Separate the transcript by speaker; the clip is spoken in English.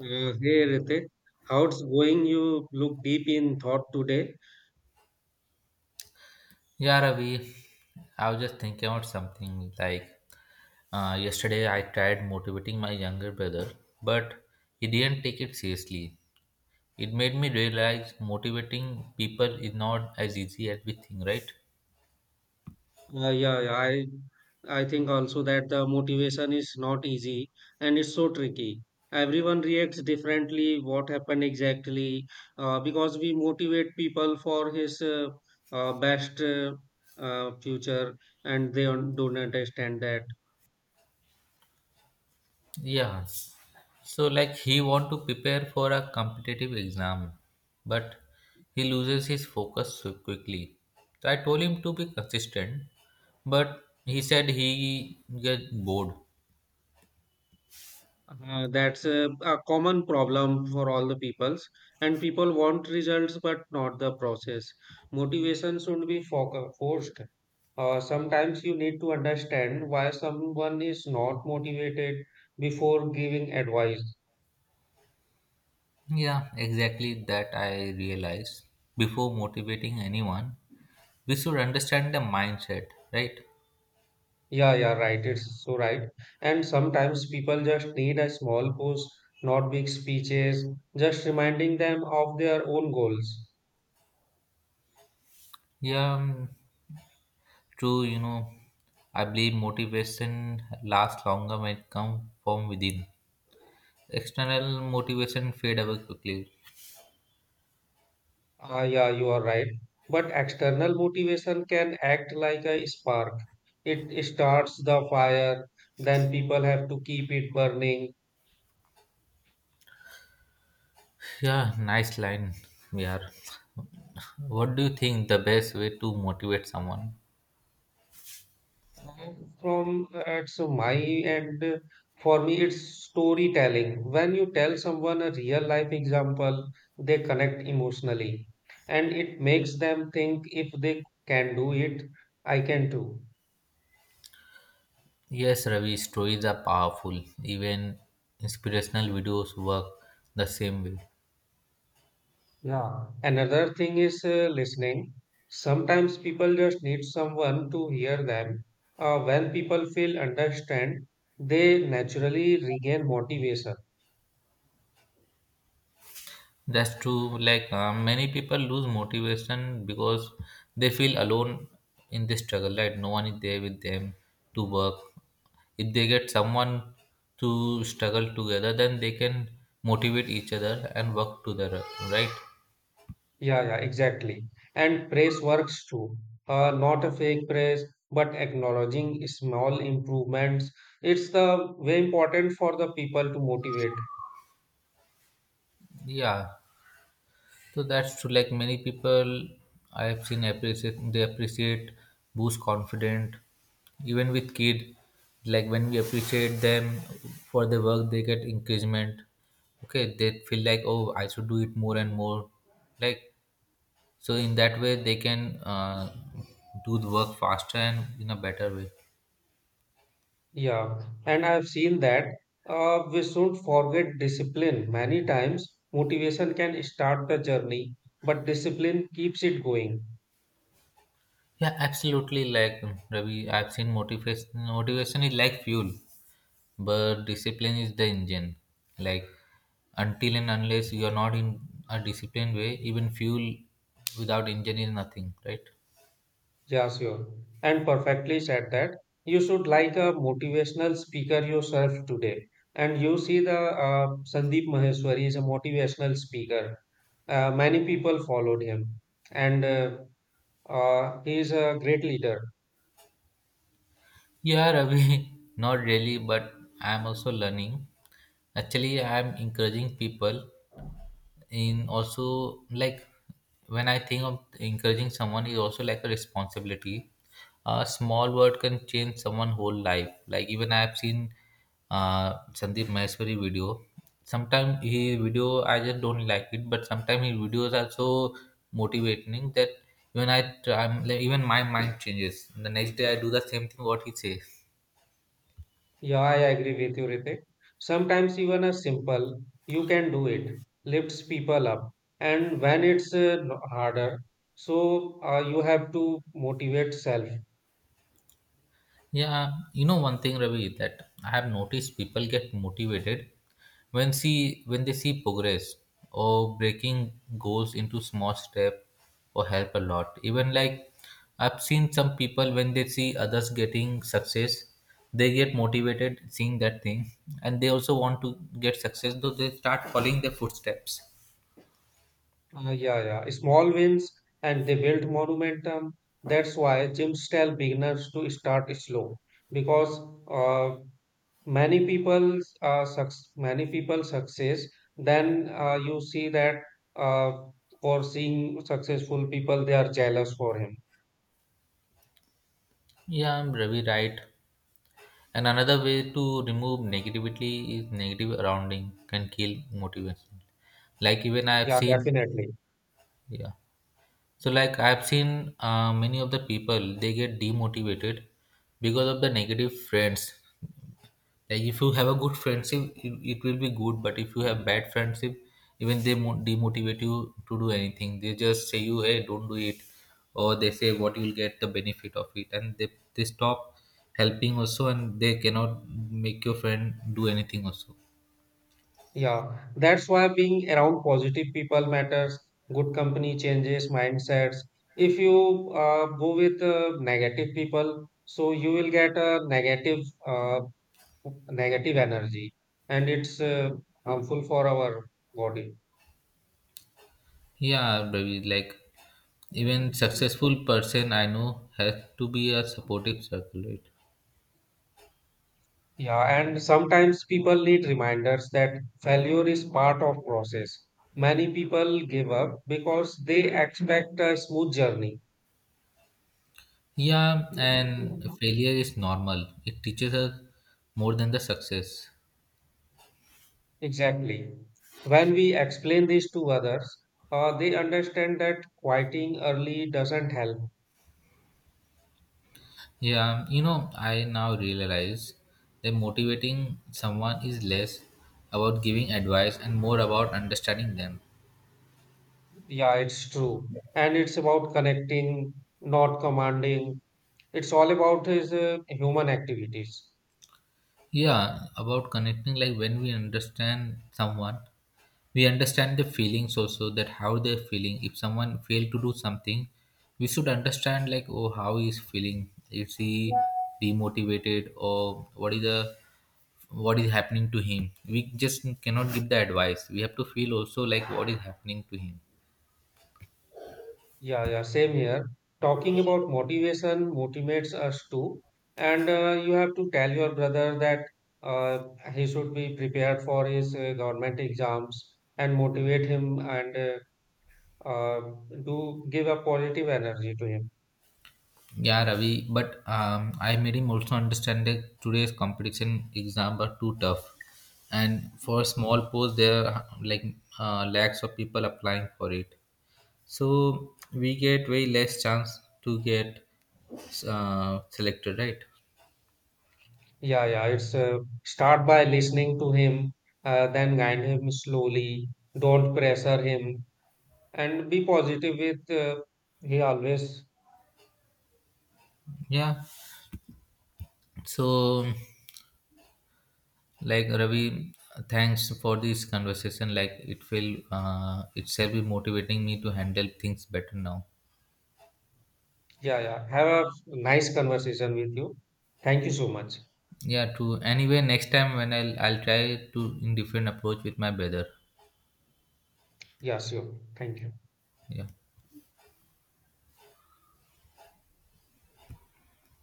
Speaker 1: Hey Ritik, how's going? You look deep in thought today.
Speaker 2: Yeah, Ravi, I was just thinking about something like yesterday I tried motivating my younger brother, but he didn't take it seriously. It made me realize motivating people is not as easy as we think, right?
Speaker 1: Yeah, yeah, I think also that the motivation is not easy and it's so tricky. Everyone reacts differently. What happened exactly? Because we motivate people for his best future, and they don't understand that.
Speaker 2: Yeah. So like he want to prepare for a competitive exam, but he loses his focus so quickly. So I told him to be consistent, but he said he gets bored.
Speaker 1: That's a common problem for all the peoples, and people want results but not the process. Motivation should be forced. Sometimes you need to understand why someone is not motivated before giving advice.
Speaker 2: Yeah, exactly that I realize. Before motivating anyone, we should understand the mindset, right?
Speaker 1: Yeah, yeah, right. It's so right. And sometimes people just need a small post, not big speeches, just reminding them of their own goals.
Speaker 2: Yeah, true, I believe motivation lasts longer when it comes from within. External motivation fade away quickly.
Speaker 1: Ah, yeah, you are right. But external motivation can act like a spark. It starts the fire, then people have to keep it burning.
Speaker 2: Yeah, nice line. Yeah. What do you think the best way to motivate someone?
Speaker 1: Mhm. From it's my end, for me, it's storytelling. When you tell someone a real life example, they connect emotionally, and it makes them think if they can do it, I can too.
Speaker 2: Yes, Ravi, stories are powerful. Even inspirational videos work the same way.
Speaker 1: Yeah, another thing is listening. Sometimes people just need someone to hear them. When people feel understand, they naturally regain motivation.
Speaker 2: That's true. Like many people lose motivation because they feel alone in this struggle, right? No one is there with them to work. If they get someone to struggle together, then they can motivate each other and work together, right?
Speaker 1: Yeah, yeah, exactly. And praise works too. Not a fake praise, but acknowledging small improvements. It's the way important for the people to motivate.
Speaker 2: Yeah. So that's true. Like many people I have seen appreciate they appreciate boost confident even with kid. Like when we appreciate them for the work they get encouragement. Okay, they feel like, oh, I should do it more and more. Like so in that way they can do the work faster and in a better way.
Speaker 1: Yeah, and I've seen that we should forget discipline. Many times, motivation can start the journey, but discipline keeps it going.
Speaker 2: Yeah, absolutely. Like Ravi, I've seen motivation. Motivation is like fuel, but discipline is the engine, like until and unless you are not in a disciplined way, even fuel without engine is nothing, right?
Speaker 1: Yeah, sure. And perfectly said that you should like a motivational speaker yourself today. And you see the Sandeep Maheshwari is a motivational speaker. Many people followed him, and he is a great leader.
Speaker 2: Yeah, Ravi, not really, but I am also learning. Actually, I am encouraging people in also, like when I think of encouraging someone is also like a responsibility. A small word can change someone whole life. Like even I have seen uh Sandeep Maheshwari video. Sometimes he video I just don't like it, but sometimes his videos are so motivating that even I try, even my mind changes the next day I do the same thing what he says.
Speaker 1: Yeah, I agree with you, Ritik. Sometimes even a simple, you can do it, lifts people up. And when it's harder, so you have to motivate self.
Speaker 2: Yeah, you know one thing, Ravi, that I have noticed people get motivated when see when they see progress or breaking goals into small step or help a lot. Even like I've seen some people when they see others getting success, they get motivated seeing that thing, and they also want to get success. Though they start following their footsteps.
Speaker 1: Yeah, yeah. Small wins and they build momentum. That's why gyms tell beginners to start slow because uh, many people suc many people success. Then you see that uh, for seeing successful people, they are jealous for him.
Speaker 2: Yeah, I'm Ravi, right. And another way to remove negativity is negative surrounding can kill motivation. Like even I have
Speaker 1: Yeah,
Speaker 2: seen.
Speaker 1: definitely.
Speaker 2: Yeah, so like I have seen many of the people they get demotivated because of the negative friends. Like if you have a good friendship it will be good, but if you have bad friendship, even they demotivate you to do anything. They just say you, hey, don't do it, or they say what you'll get the benefit of it, and they stop helping also and they cannot make your friend do anything also.
Speaker 1: Yeah, that's why being around positive people matters. Good company changes mindsets. If you go with negative people, so you will get a negative, uh, negative energy, and it's harmful for our body.
Speaker 2: Yeah, Ravi, like even successful person I know has to be a supportive circle, right?
Speaker 1: Yeah, and sometimes people need reminders that failure is part of process. Many people give up because they expect a smooth journey.
Speaker 2: Yeah, and failure is normal. It teaches us more than the success.
Speaker 1: Exactly. When we explain this to others, they understand that quieting early doesn't help.
Speaker 2: Yeah, you know, I now realize that motivating someone is less about giving advice and more about understanding them.
Speaker 1: Yeah, it's true. And it's about connecting, not commanding. It's all about his human activities.
Speaker 2: Yeah, about connecting, like when we understand someone, we understand the feelings also, that how they're feeling. If someone failed to do something, we should understand like, oh, how he is feeling. Is he demotivated or what is happening to him? We just cannot give the advice. We have to feel also like what is happening to him.
Speaker 1: Yeah, yeah, same here. Talking about motivation motivates us too. And you have to tell your brother that uh, he should be prepared for his government exams and motivate him and uh, do give a positive energy to him.
Speaker 2: Yeah, Ravi, but I made him also understand that today's competition exam are too tough, and for small posts there are like lakhs of people applying for it. So we get way less chance to get selected, right?
Speaker 1: Yeah, yeah. It's start by listening to him, then guide him slowly. Don't pressure him, and be positive with. He always,
Speaker 2: Yeah. So like Ravi, thanks for this conversation. Like it will itself be motivating me to handle things better now.
Speaker 1: yeah, yeah. Have a nice conversation with you. Thank you so much.
Speaker 2: Yeah, true. Anyway, next time when I'll try to in different approach with my brother.
Speaker 1: Yeah, sure. Thank you.
Speaker 2: Yeah.